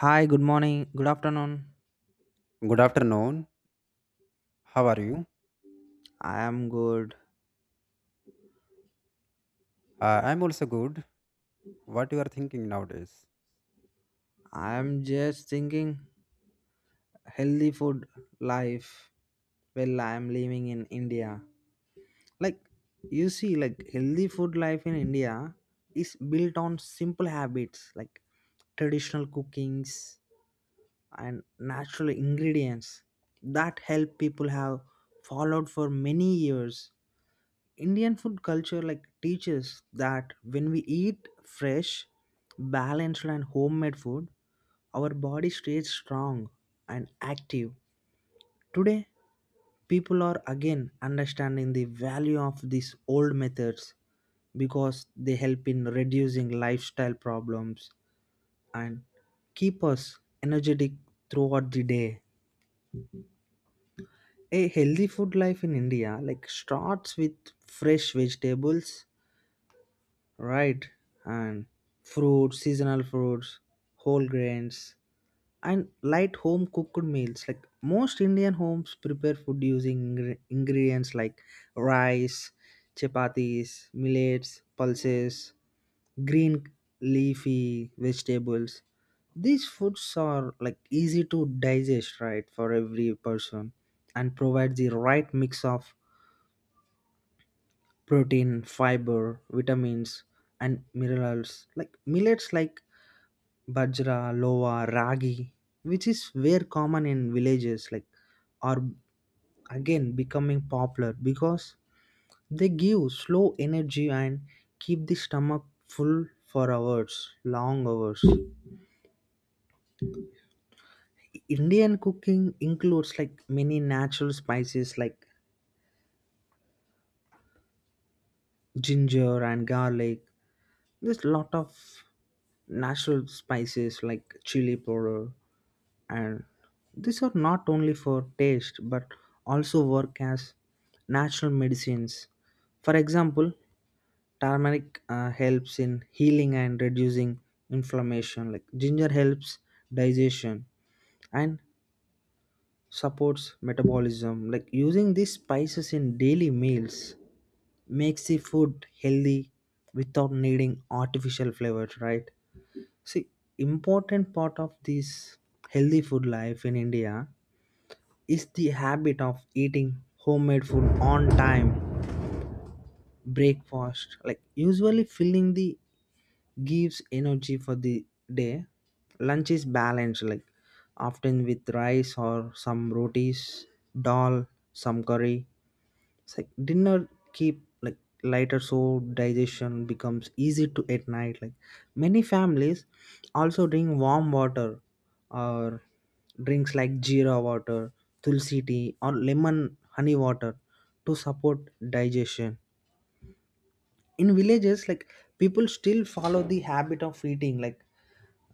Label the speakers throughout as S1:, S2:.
S1: Hi, good morning, good afternoon.
S2: Good afternoon. How are you?
S1: I am good.
S2: I'm also good. What you are thinking nowadays?
S1: I am just thinking healthy food life. Well, I am living in India. Like you see, like healthy food life in India is built on simple habits like traditional cookings and natural ingredients that help people have followed for many years. Indian food culture like teaches that when we eat fresh, balanced and homemade food, our body stays strong and active. Today, people are again understanding the value of these old methods because they help in reducing lifestyle problems and keep us energetic throughout the day. A healthy food life in India like starts with fresh vegetables, right, and fruits, seasonal fruits, whole grains and light home cooked meals. Like most indian homes prepare food using ingredients like rice, chapatis, millets, pulses, green leafy vegetables. These foods are like easy to digest, right, for every person, and provide the right mix of protein, fiber, vitamins, and minerals like millets like bajra, loa, ragi, which is very common in villages, like are again becoming popular because they give slow energy and keep the stomach full for hours, long hours. Indian cooking includes like many natural spices like ginger and garlic. There's a lot of natural spices like chili powder and these are not only for taste but also work as natural medicines. For example, turmeric helps in healing and reducing inflammation. Like ginger helps digestion and supports metabolism. Like using these spices in daily meals makes the food healthy without needing artificial flavors, right? See, important part of this healthy food life in India is the habit of eating homemade food on time. Breakfast like usually filling, the gives energy for the day. Lunch is balanced, like often with rice or some rotis, dal, some curry. It's like dinner keep like lighter so digestion becomes easy to at night. Like many families also drink warm water or drinks like jeera water, tulsi tea or lemon honey water to support digestion. In villages like people still follow the habit of eating like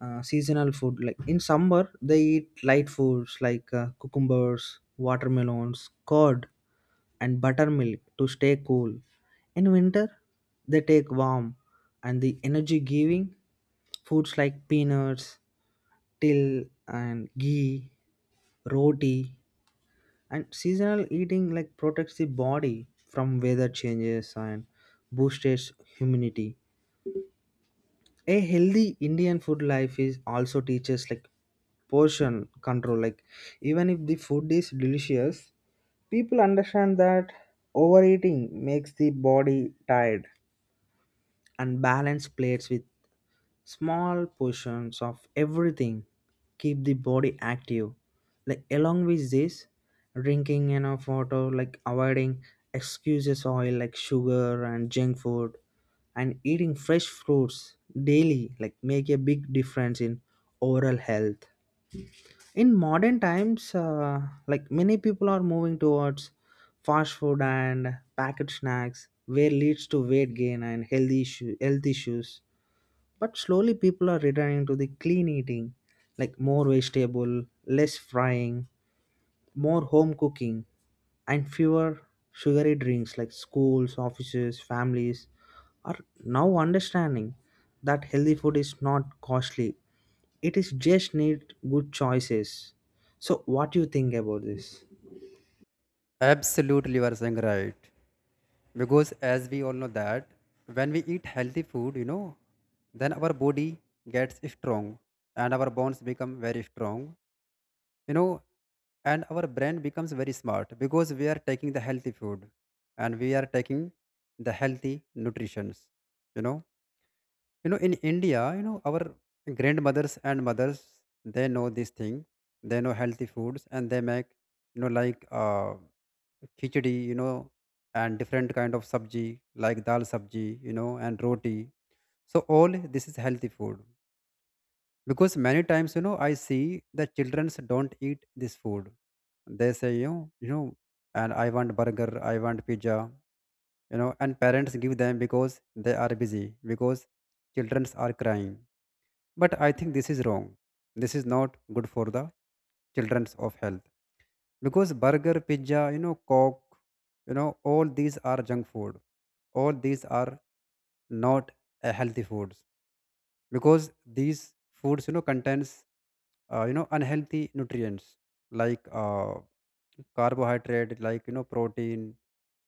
S1: seasonal food. Like in summer they eat light foods like cucumbers, watermelons, curd and buttermilk to stay cool. In winter they take warm and the energy giving foods like peanuts, till and ghee roti, and seasonal eating like protects the body from weather changes and boosts immunity. A healthy indian food life is also teaches like portion control. Like even if the food is delicious, people understand that overeating makes the body tired, and balance plates with small portions of everything keep the body active. Like along with this, drinking enough water, like avoiding excuses oil like sugar and junk food, and eating fresh fruits daily like make a big difference in overall health. In modern times, like many people are moving towards fast food and packaged snacks, where leads to weight gain and health issues, but slowly people are returning to the clean eating, like more vegetable, less frying, more home cooking and fewer sugary drinks. Like schools, offices, families are now understanding that healthy food is not costly, it is just need good choices. So what do you think about this?
S2: Absolutely, you are saying right. Because as we all know that when we eat healthy food, then our body gets strong and our bones become very strong. You know, and our brain becomes very smart because we are taking the healthy food and we are taking the healthy nutritions. You know, in India, our grandmothers and mothers, they know this thing, they know healthy foods, and they make you know like uh, khichdi, and different kind of sabji, like dal sabji, and roti. So all this is healthy food because many times I see the children don't eat this food. They say, you know and I want burger, I want pizza, and parents give them because they are busy, because children are crying. But I think this is wrong. This is not good for the children's of health because burger, pizza, coke, all these are junk food. All these are not a healthy foods because these foods, contains unhealthy nutrients, like carbohydrate, protein,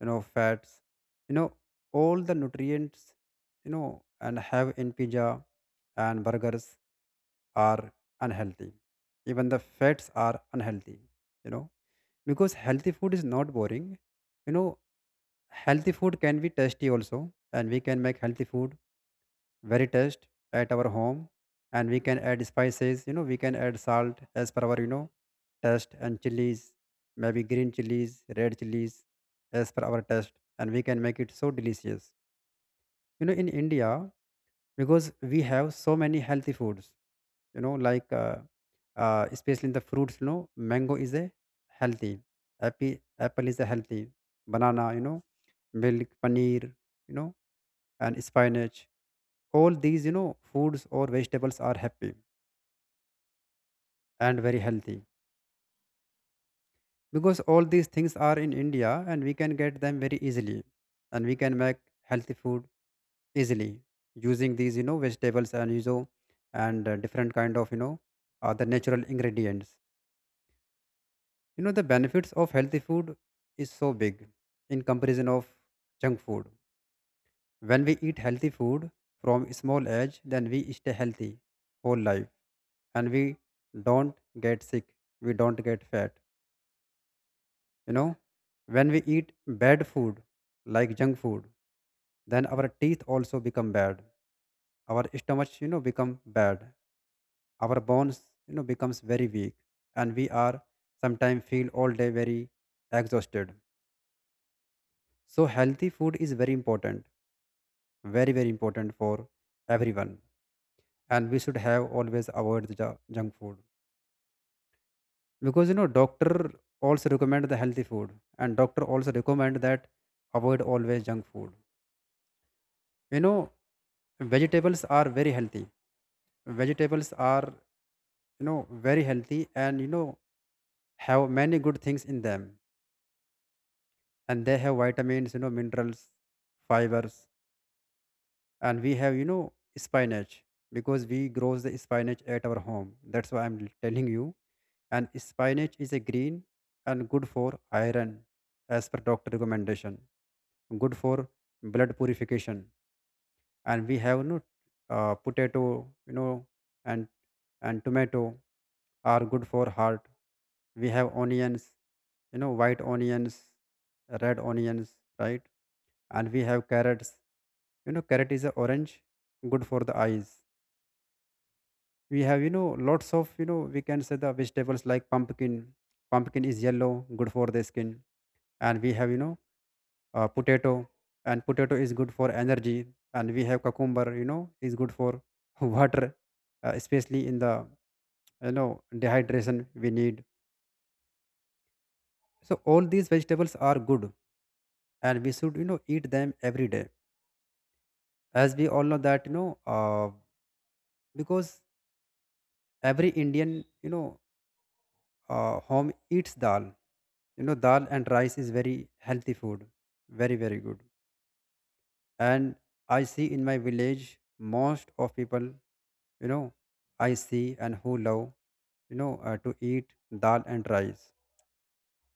S2: fats, you know, all the nutrients, and have in pizza and burgers are unhealthy. Even the fats are unhealthy, you know, because healthy food is not boring. You know, healthy food can be tasty also, and we can make healthy food very taste at our home, and we can add spices, we can add salt as per our, taste and chilies, maybe green chilies, red chilies as per our taste, and we can make it so delicious. In India, because we have so many healthy foods, you know, like. Uh, especially in the fruits, mango is a healthy, apple is a healthy, banana, milk, paneer, you know, and spinach. All these, foods or vegetables are happy and very healthy because all these things are in India and we can get them very easily, and we can make healthy food easily using these, vegetables, and different kind of, the natural ingredients. The benefits of healthy food is so big in comparison of junk food. When we eat healthy food from small age, then we stay healthy whole life and we don't get sick. We don't get fat. You know, when we eat bad food like junk food, then our teeth also become bad. Our stomachs, become bad. Our bones, becomes very weak, and we are sometimes feel all day very exhausted. So healthy food is very important, very, very important for everyone, and we should have always avoid the junk food because doctor also recommend the healthy food, and doctor also recommend that avoid always junk food. You know, vegetables are very healthy. Vegetables are very healthy, and have many good things in them, and they have vitamins, minerals, fibers, and we have spinach because we grows the spinach at our home. That's why I'm telling you. And spinach is a green and good for iron, as per doctor recommendation, good for blood purification. And we have no potato, you know and tomato are good for heart. We have onions, white onions, red onions, right. And we have carrots. Carrot is a orange, good for the eyes. We have lots of, we can say, the vegetables like pumpkin. Pumpkin is yellow, good for the skin. And we have potato, and potato is good for energy. And we have cucumber, is good for water, especially in the, dehydration we need. So all these vegetables are good, and we should eat them every day. As we all know that, uh, because every Indian, home eats dal. Dal and rice is very healthy food, very, very good. And I see in my village, most of people, you know I see, and who love, to eat dal and rice.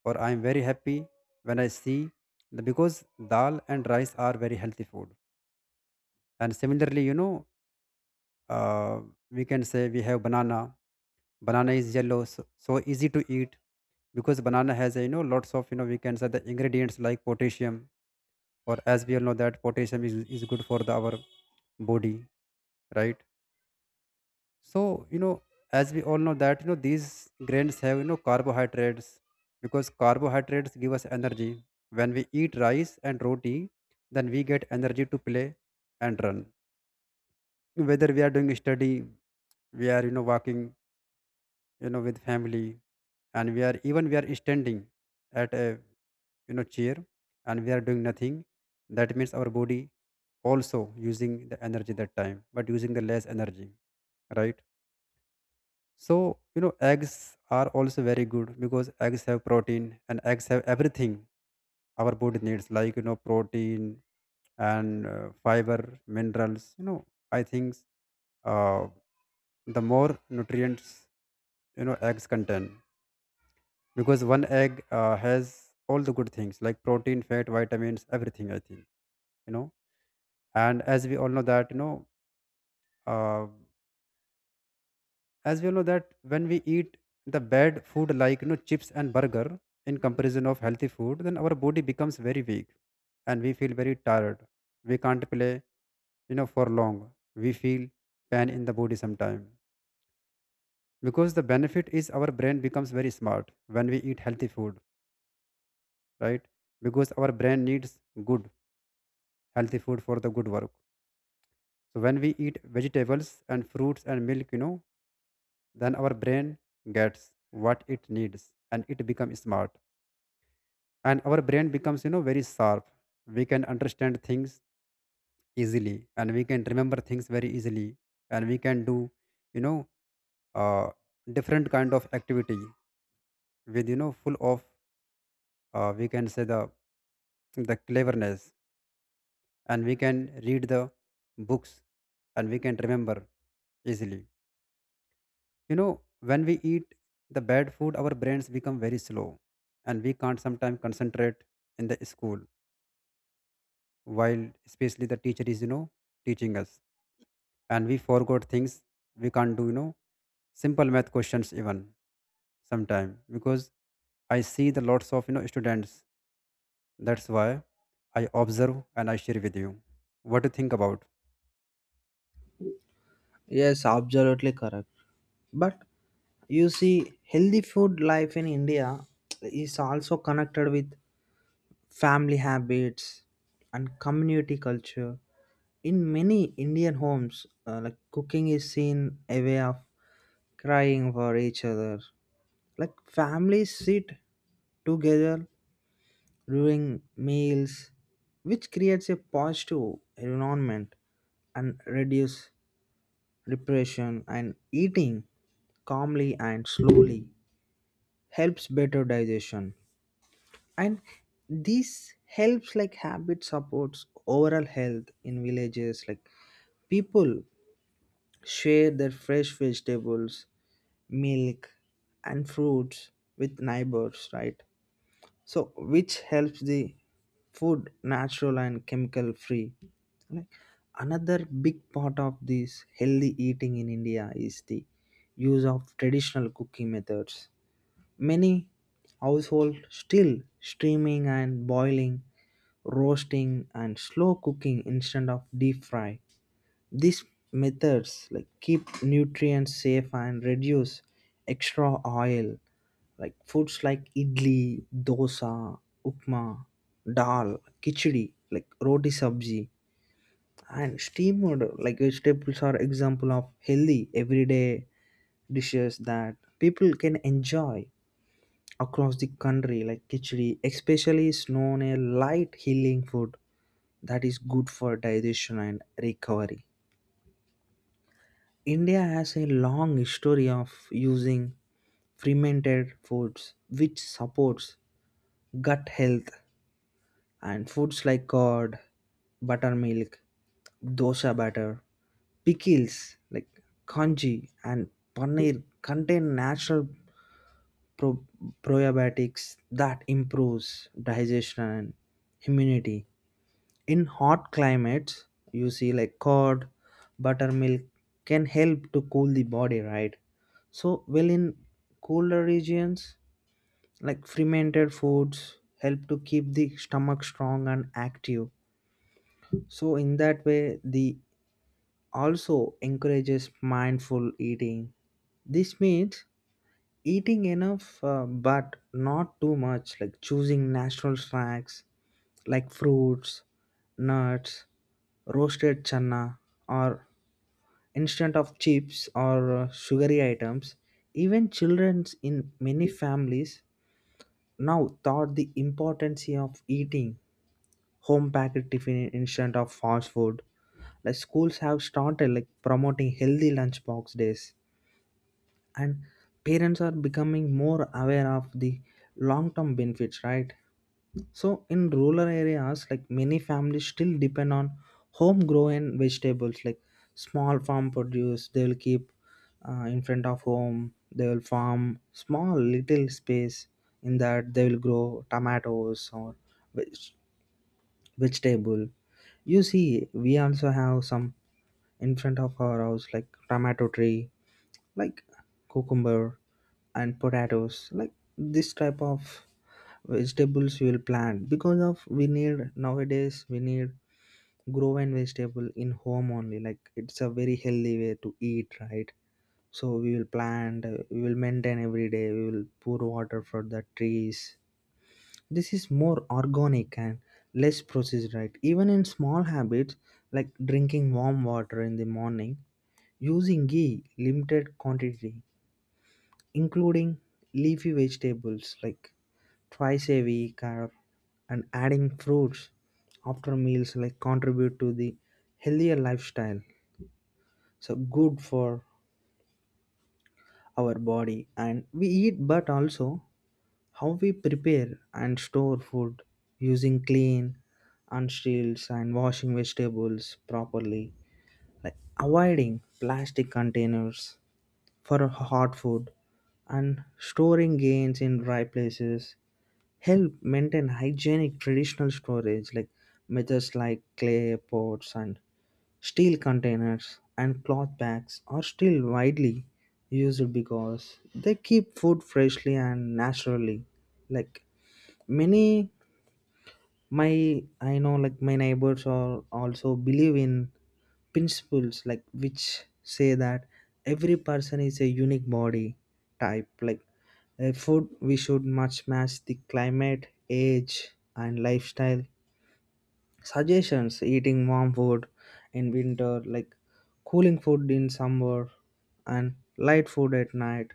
S2: Or I am very happy when I see because dal and rice are very healthy food. And similarly, uh, we can say, we have banana. Banana is yellow, so easy to eat because banana has a, lots of, we can say, the ingredients like potassium. Or as we all know that potassium is good for the, our body, right. So as we all know that, these grains have, carbohydrates, because carbohydrates give us energy. When we eat rice and roti, then we get energy to play and run, whether we are doing study, we are walking, with family, and we are, even we are standing at a, chair, and we are doing nothing. That means our body also using the energy that time, but using the less energy, right. So eggs are also very good because eggs have protein, and eggs have everything our body needs, like, protein and fiber, minerals. I think, uh, the more nutrients, eggs contain, because one egg has all the good things like protein, fat, vitamins, everything, I think. you know and as we all know that, uh, as we all know that when we eat the bad food like, chips and burger, in comparison of healthy food, then our body becomes very weak and we feel very tired. We can't play, for long. We feel pain in the body sometime. Because the benefit is, our brain becomes very smart when we eat healthy food, right. Because our brain needs good healthy food for the good work. So when we eat vegetables and fruits and milk, then our brain gets what it needs and it becomes smart. And our brain becomes, very sharp. We can understand things easily, and we can remember things very easily, and we can do, you know uh, different kind of activity with, full of, we can say, the cleverness. And we can read the books, and we can remember easily. When we eat the bad food, our brains become very slow, and we can't sometimes concentrate in the school, while especially the teacher is, teaching us. And we forgot things. We can't do, simple math questions even sometime, because I see the lots of, students. That's why I observe and I share with you. What do you think about?
S1: Yes, absolutely correct, but you see healthy food life in india is also connected with family habits and community culture. In many Indian homes, like cooking is seen a way of crying for each other. Like families sit together during meals, which creates a positive environment and reduce depression, and eating calmly and slowly helps better digestion, and this helps like habit supports overall health. In villages like people share their fresh vegetables, milk and fruits with neighbors, right? So which helps the food natural and chemical free. Like another big part of this healthy eating in india is the use of traditional cooking methods. Many households still steaming and boiling, roasting and slow cooking instead of deep fry. These methods like keep nutrients safe and reduce extra oil. Like foods like idli, dosa, upma, dal khichdi, like roti sabji and steamed like vegetables are example of healthy everyday dishes that people can enjoy across the country. Like khichdi especially is known a light healing food that is good for digestion and recovery. India has a long history of using fermented foods, which supports gut health. And foods like curd, buttermilk, dosa batter, pickles like kanji and paneer contain natural pro- probiotics that improves digestion and immunity. In hot climates you see like curd, buttermilk can help to cool the body, right? So well in cooler regions like fermented foods help to keep the stomach strong and active. So in that way the also encourages mindful eating. This means eating enough but not too much, like choosing natural snacks like fruits, nuts, roasted chana, or instead of chips or sugary items. Even children in many families now thought the importance of eating home packaged tiffin instead of fast food. Like schools have started like promoting healthy lunchbox days, and parents are becoming more aware of the long term benefits, right? So in rural areas like many families still depend on homegrown vegetables like small farm produce. They will keep in front of home, they will farm small little space, in that they will grow tomatoes or veg- vegetable. You see we also have some in front of our house like tomato tree, like cucumber and potatoes. Like this type of vegetables we will plant, because of we need nowadays, we need grow and vegetable in home only. Like it's a very healthy way to eat, right? So we will plant, we will maintain every day, we will pour water for the trees. This is more organic and less processed, right? Even in small habits like drinking warm water in the morning, using ghee limited quantity, including leafy vegetables like twice a week or and adding fruits after meals like contribute to the healthier lifestyle. So good for our body, and we eat but also how we prepare and store food, using clean and shields and washing vegetables properly, like avoiding plastic containers for hot food, and storing grains in dry places help maintain hygienic traditional storage. Like methods like clay pots and steel containers and cloth bags are still widely used because they keep food freshly and naturally. Like many, my, I know like my neighbors are also believe in principles like which say that every person is a unique body type. Like a food we should much match the climate, age and lifestyle suggestions. Eating warm food in winter, like cooling food in summer and light food at night.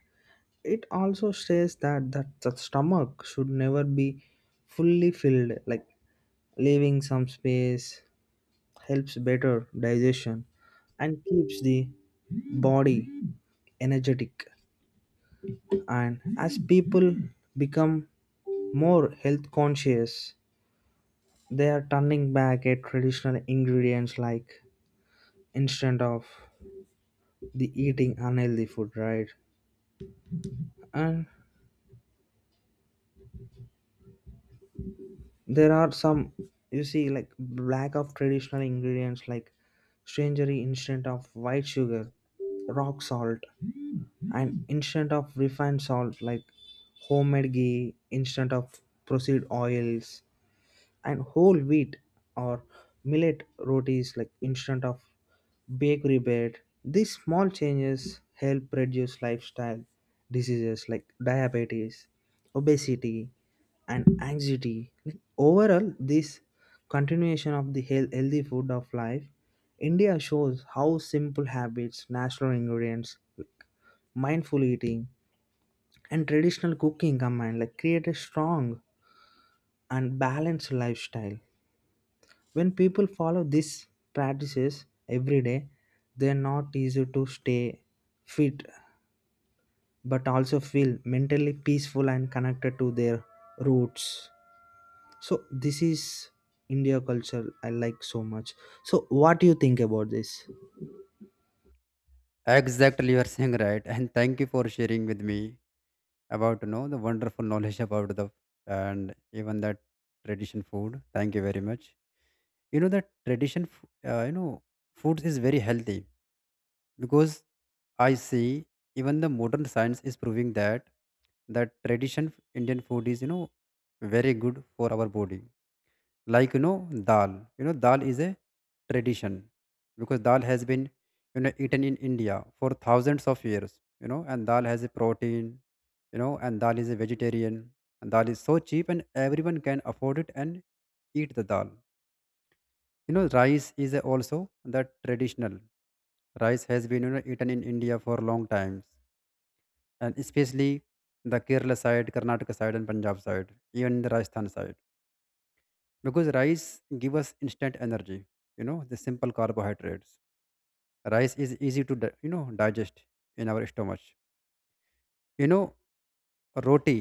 S1: It also says that the stomach should never be fully filled. Like leaving some space helps better digestion and keeps the body energetic. And as people become more health conscious, they are turning back at traditional ingredients, like instead of the eating unhealthy food, right? And there are some, you see, like lack of traditional ingredients like strangery instead of white sugar, rock salt and instant of refined salt, like homemade ghee instant of proceed oils, and whole wheat or millet rotis like instant of bakery bread. These small changes help reduce lifestyle diseases like diabetes, obesity and anxiety. Like, overall this continuation of the healthy food of life india shows how simple habits, natural ingredients, mindful eating and traditional cooking combined like create a strong and balanced lifestyle. When people follow these practices every day, they're not easy to stay fit but also feel mentally peaceful and connected to their roots. So this is india culture I like so much. So what do you think about this?
S2: Exactly, you are saying right. And thank you for sharing with me about, the wonderful knowledge about the, and even that tradition food. Thank you very much. That tradition, foods is very healthy because I see even the modern science is proving that, that tradition Indian food is, very good for our body. Like, dal, dal is a tradition because dal has been, eaten in India for thousands of years. And dal has a protein, and dal is a vegetarian, and dal is so cheap and everyone can afford it and eat the dal. Rice is a also the traditional. Rice has been, eaten in India for long times. And especially the Kerala side, Karnataka side, and Punjab side, even the Rajasthan side. Because rice give us instant energy, the simple carbohydrates. Rice is easy to digest in our stomach. you know roti,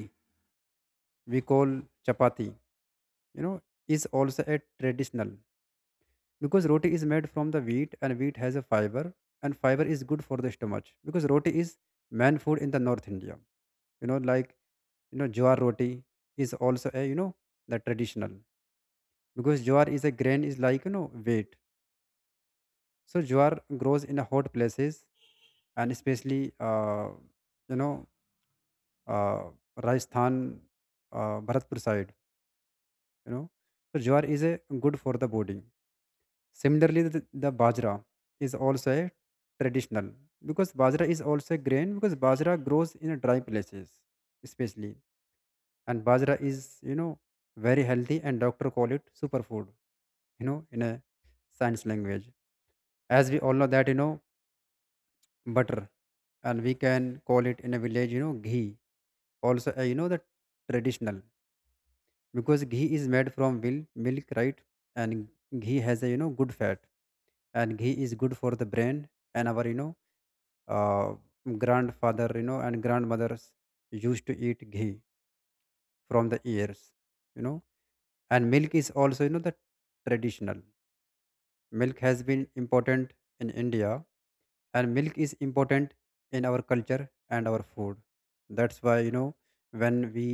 S2: we call chapati, know is also a traditional, because roti is made from the wheat, and wheat has a fiber, and fiber is good for the stomach. Because roti is man food in the north India. you know like jowar roti is also a, the traditional, because jowar is a grain, is like, wheat. So jowar grows in a hot places, and especially, uh, you know uh, Rajasthan, Bharatpur side. You know, so jowar is a good for the body. Similarly, the bajra is also a traditional because bajra is also a grain. Because bajra grows in a dry places, especially, and bajra is, very healthy, and doctor call it superfood. You know, in a science language, as we all know that butter and we can call it in a village ghee also the traditional because ghee is made from milk, right? And ghee has a good fat, and ghee is good for the brain. And our uh, grandfather and grandmothers used to eat ghee from the ears, you know and milk is also the traditional. Milk has been important in India, and milk is important in our culture and our food. That's why, when we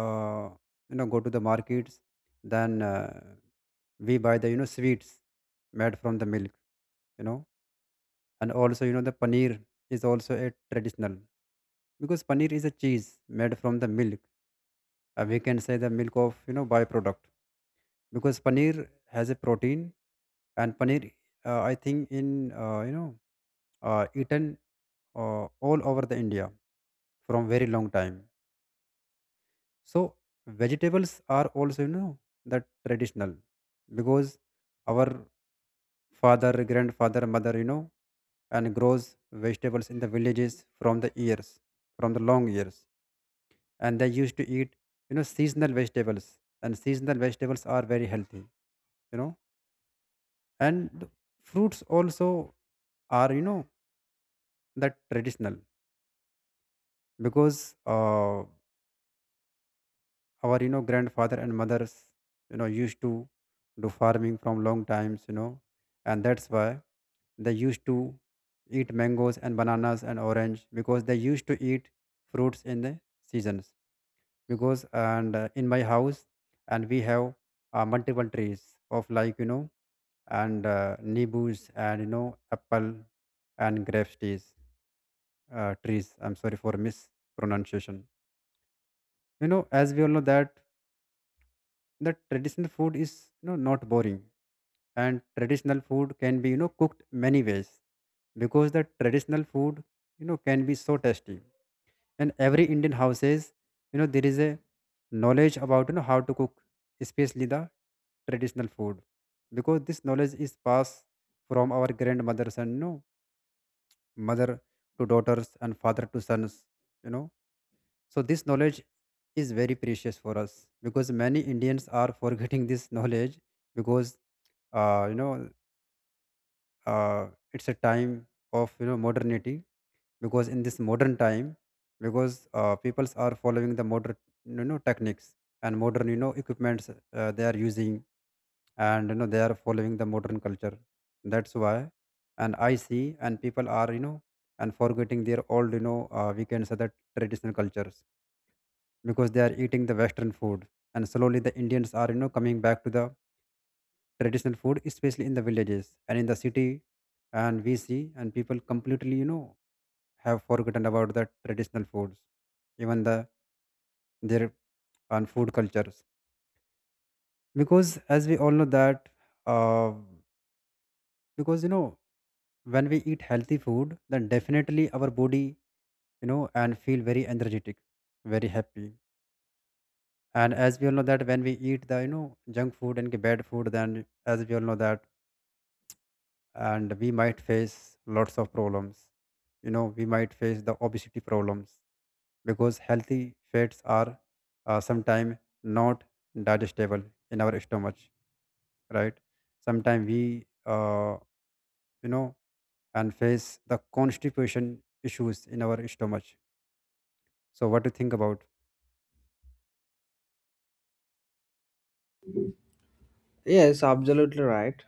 S2: uh, go to the markets, then we buy the sweets made from the milk, you know and also the paneer is also a traditional, because paneer is a cheese made from the milk. We can say the milk of byproduct, because paneer has a protein. And paneer, I think, in uh, you know eaten all over the India from very long time. So vegetables are also the traditional, because our father, grandfather, mother, and grows vegetables in the villages from the years, from the long years, and they used to eat seasonal vegetables, and seasonal vegetables are very healthy, you know, and the fruits also are that traditional, because. Our grandfather and mothers used to do farming from long times, and that's why they used to eat mangoes and bananas and orange, because they used to eat fruits in the seasons. Because and in my house and we have multiple trees of like and nibus and apple and grapes trees, trees. I'm sorry for mispronunciation. You know, as we all know that the traditional food is not boring, and traditional food can be cooked many ways, because the traditional food, can be so tasty. And every indian houses, there is a knowledge about how to cook, especially the traditional food, because this knowledge is passed from our grandmothers and mother to daughters and father to sons, you know so, this knowledge is very precious for us, because many Indians are forgetting this knowledge, because uh, you know it's a time of modernity. Because in this modern time, because peoples are following the modern techniques, and modern equipments they are using, and they are following the modern culture. That's why and I see and people are and forgetting their old we can say that traditional cultures, because they are eating the western food. And slowly the Indians are coming back to the traditional food, especially in the villages and in the city, and we see and people completely have forgotten about the traditional foods, even the their and food cultures. Because as we all know that uh, because when we eat healthy food, then definitely our body and feel very energetic, very happy. And as we all know that when we eat the junk food and the bad food, then as we all know that and we might face lots of problems, we might face the obesity problems, because healthy fats are sometimes not digestible in our stomach, right? Sometimes we you know and face the constipation issues in our stomach. So what do you think about?
S1: Yes, absolutely right,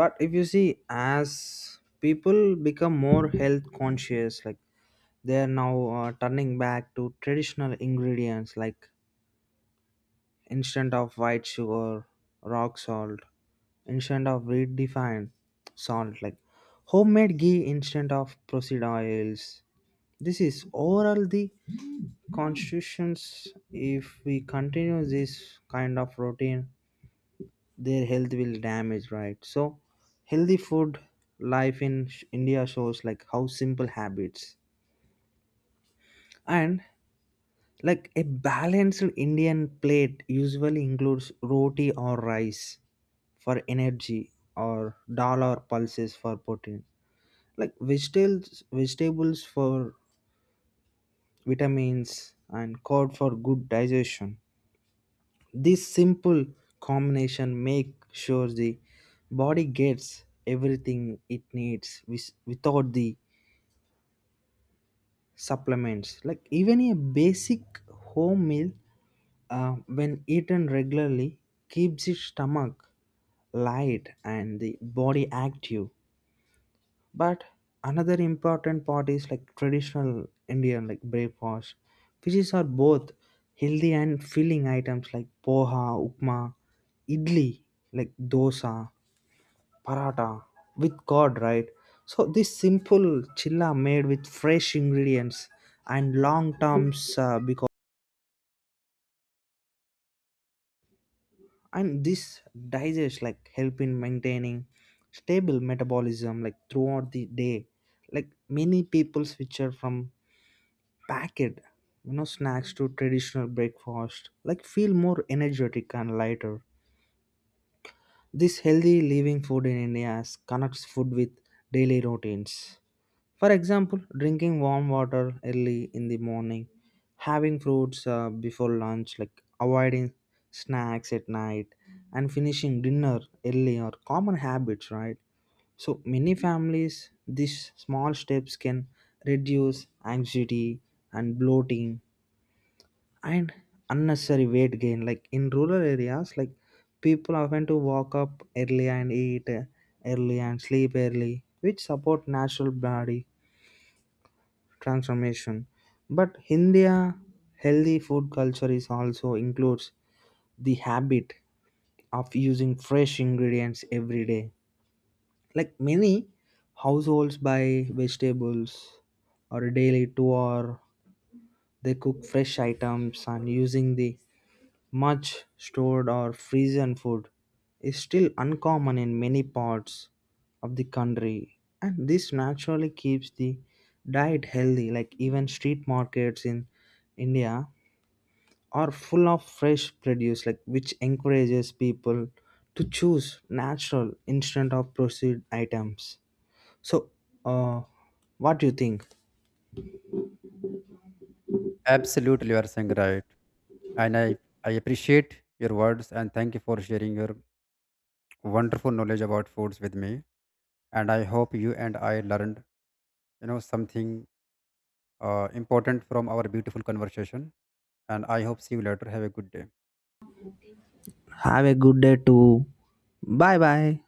S1: but if you see as people become more health conscious, like they are now turning back to traditional ingredients like instead of white sugar, rock salt, instead of redefined salt, like homemade ghee instead of processed oils. This is overall the constitutions. If we continue this kind of routine, their health will damage, right? So, healthy food life in India shows like how simple habits and like a balanced Indian plate usually includes roti or rice for energy, or dal or pulses for protein. Like vegetables for vitamins and curd for good digestion. This simple combination make sure the body gets everything it needs with, without the supplements. Like even a basic home meal when eaten regularly keeps the stomach light and the body active. But another important part is like traditional indian like breakfast, which is are both healthy and filling items like poha, upma, idli, like dosa, paratha with curd, right? So this simple chilla made with fresh ingredients and long terms, because and this digest like help in maintaining stable metabolism like throughout the day. Like many people switch are from packet, snacks to traditional breakfast like feel more energetic and lighter. This healthy living food in india connects food with daily routines. For example, drinking warm water early in the morning, having fruits before lunch, like avoiding snacks at night, and finishing dinner early are common habits, right? So, many families, these small steps can reduce anxiety and bloating and unnecessary weight gain. Like in rural areas, like people often to walk up early and eat early and sleep early, which support natural body transformation. But India healthy food culture is also includes the habit of using fresh ingredients every day. Like many households buy vegetables or daily two or they cook fresh items, and using the much stored or frozen food is still uncommon in many parts of the country, and this naturally keeps the diet healthy. Like even street markets in india are full of fresh produce, like which encourages people to choose natural instead of processed items. So uh what do you think?
S2: Absolutely, you are saying right. And I appreciate your words, and thank you for sharing your wonderful knowledge about foods with me. And I hope you and I learned something important from our beautiful conversation. And I hope see you later, have a good day.
S1: Have a good day too. Bye bye.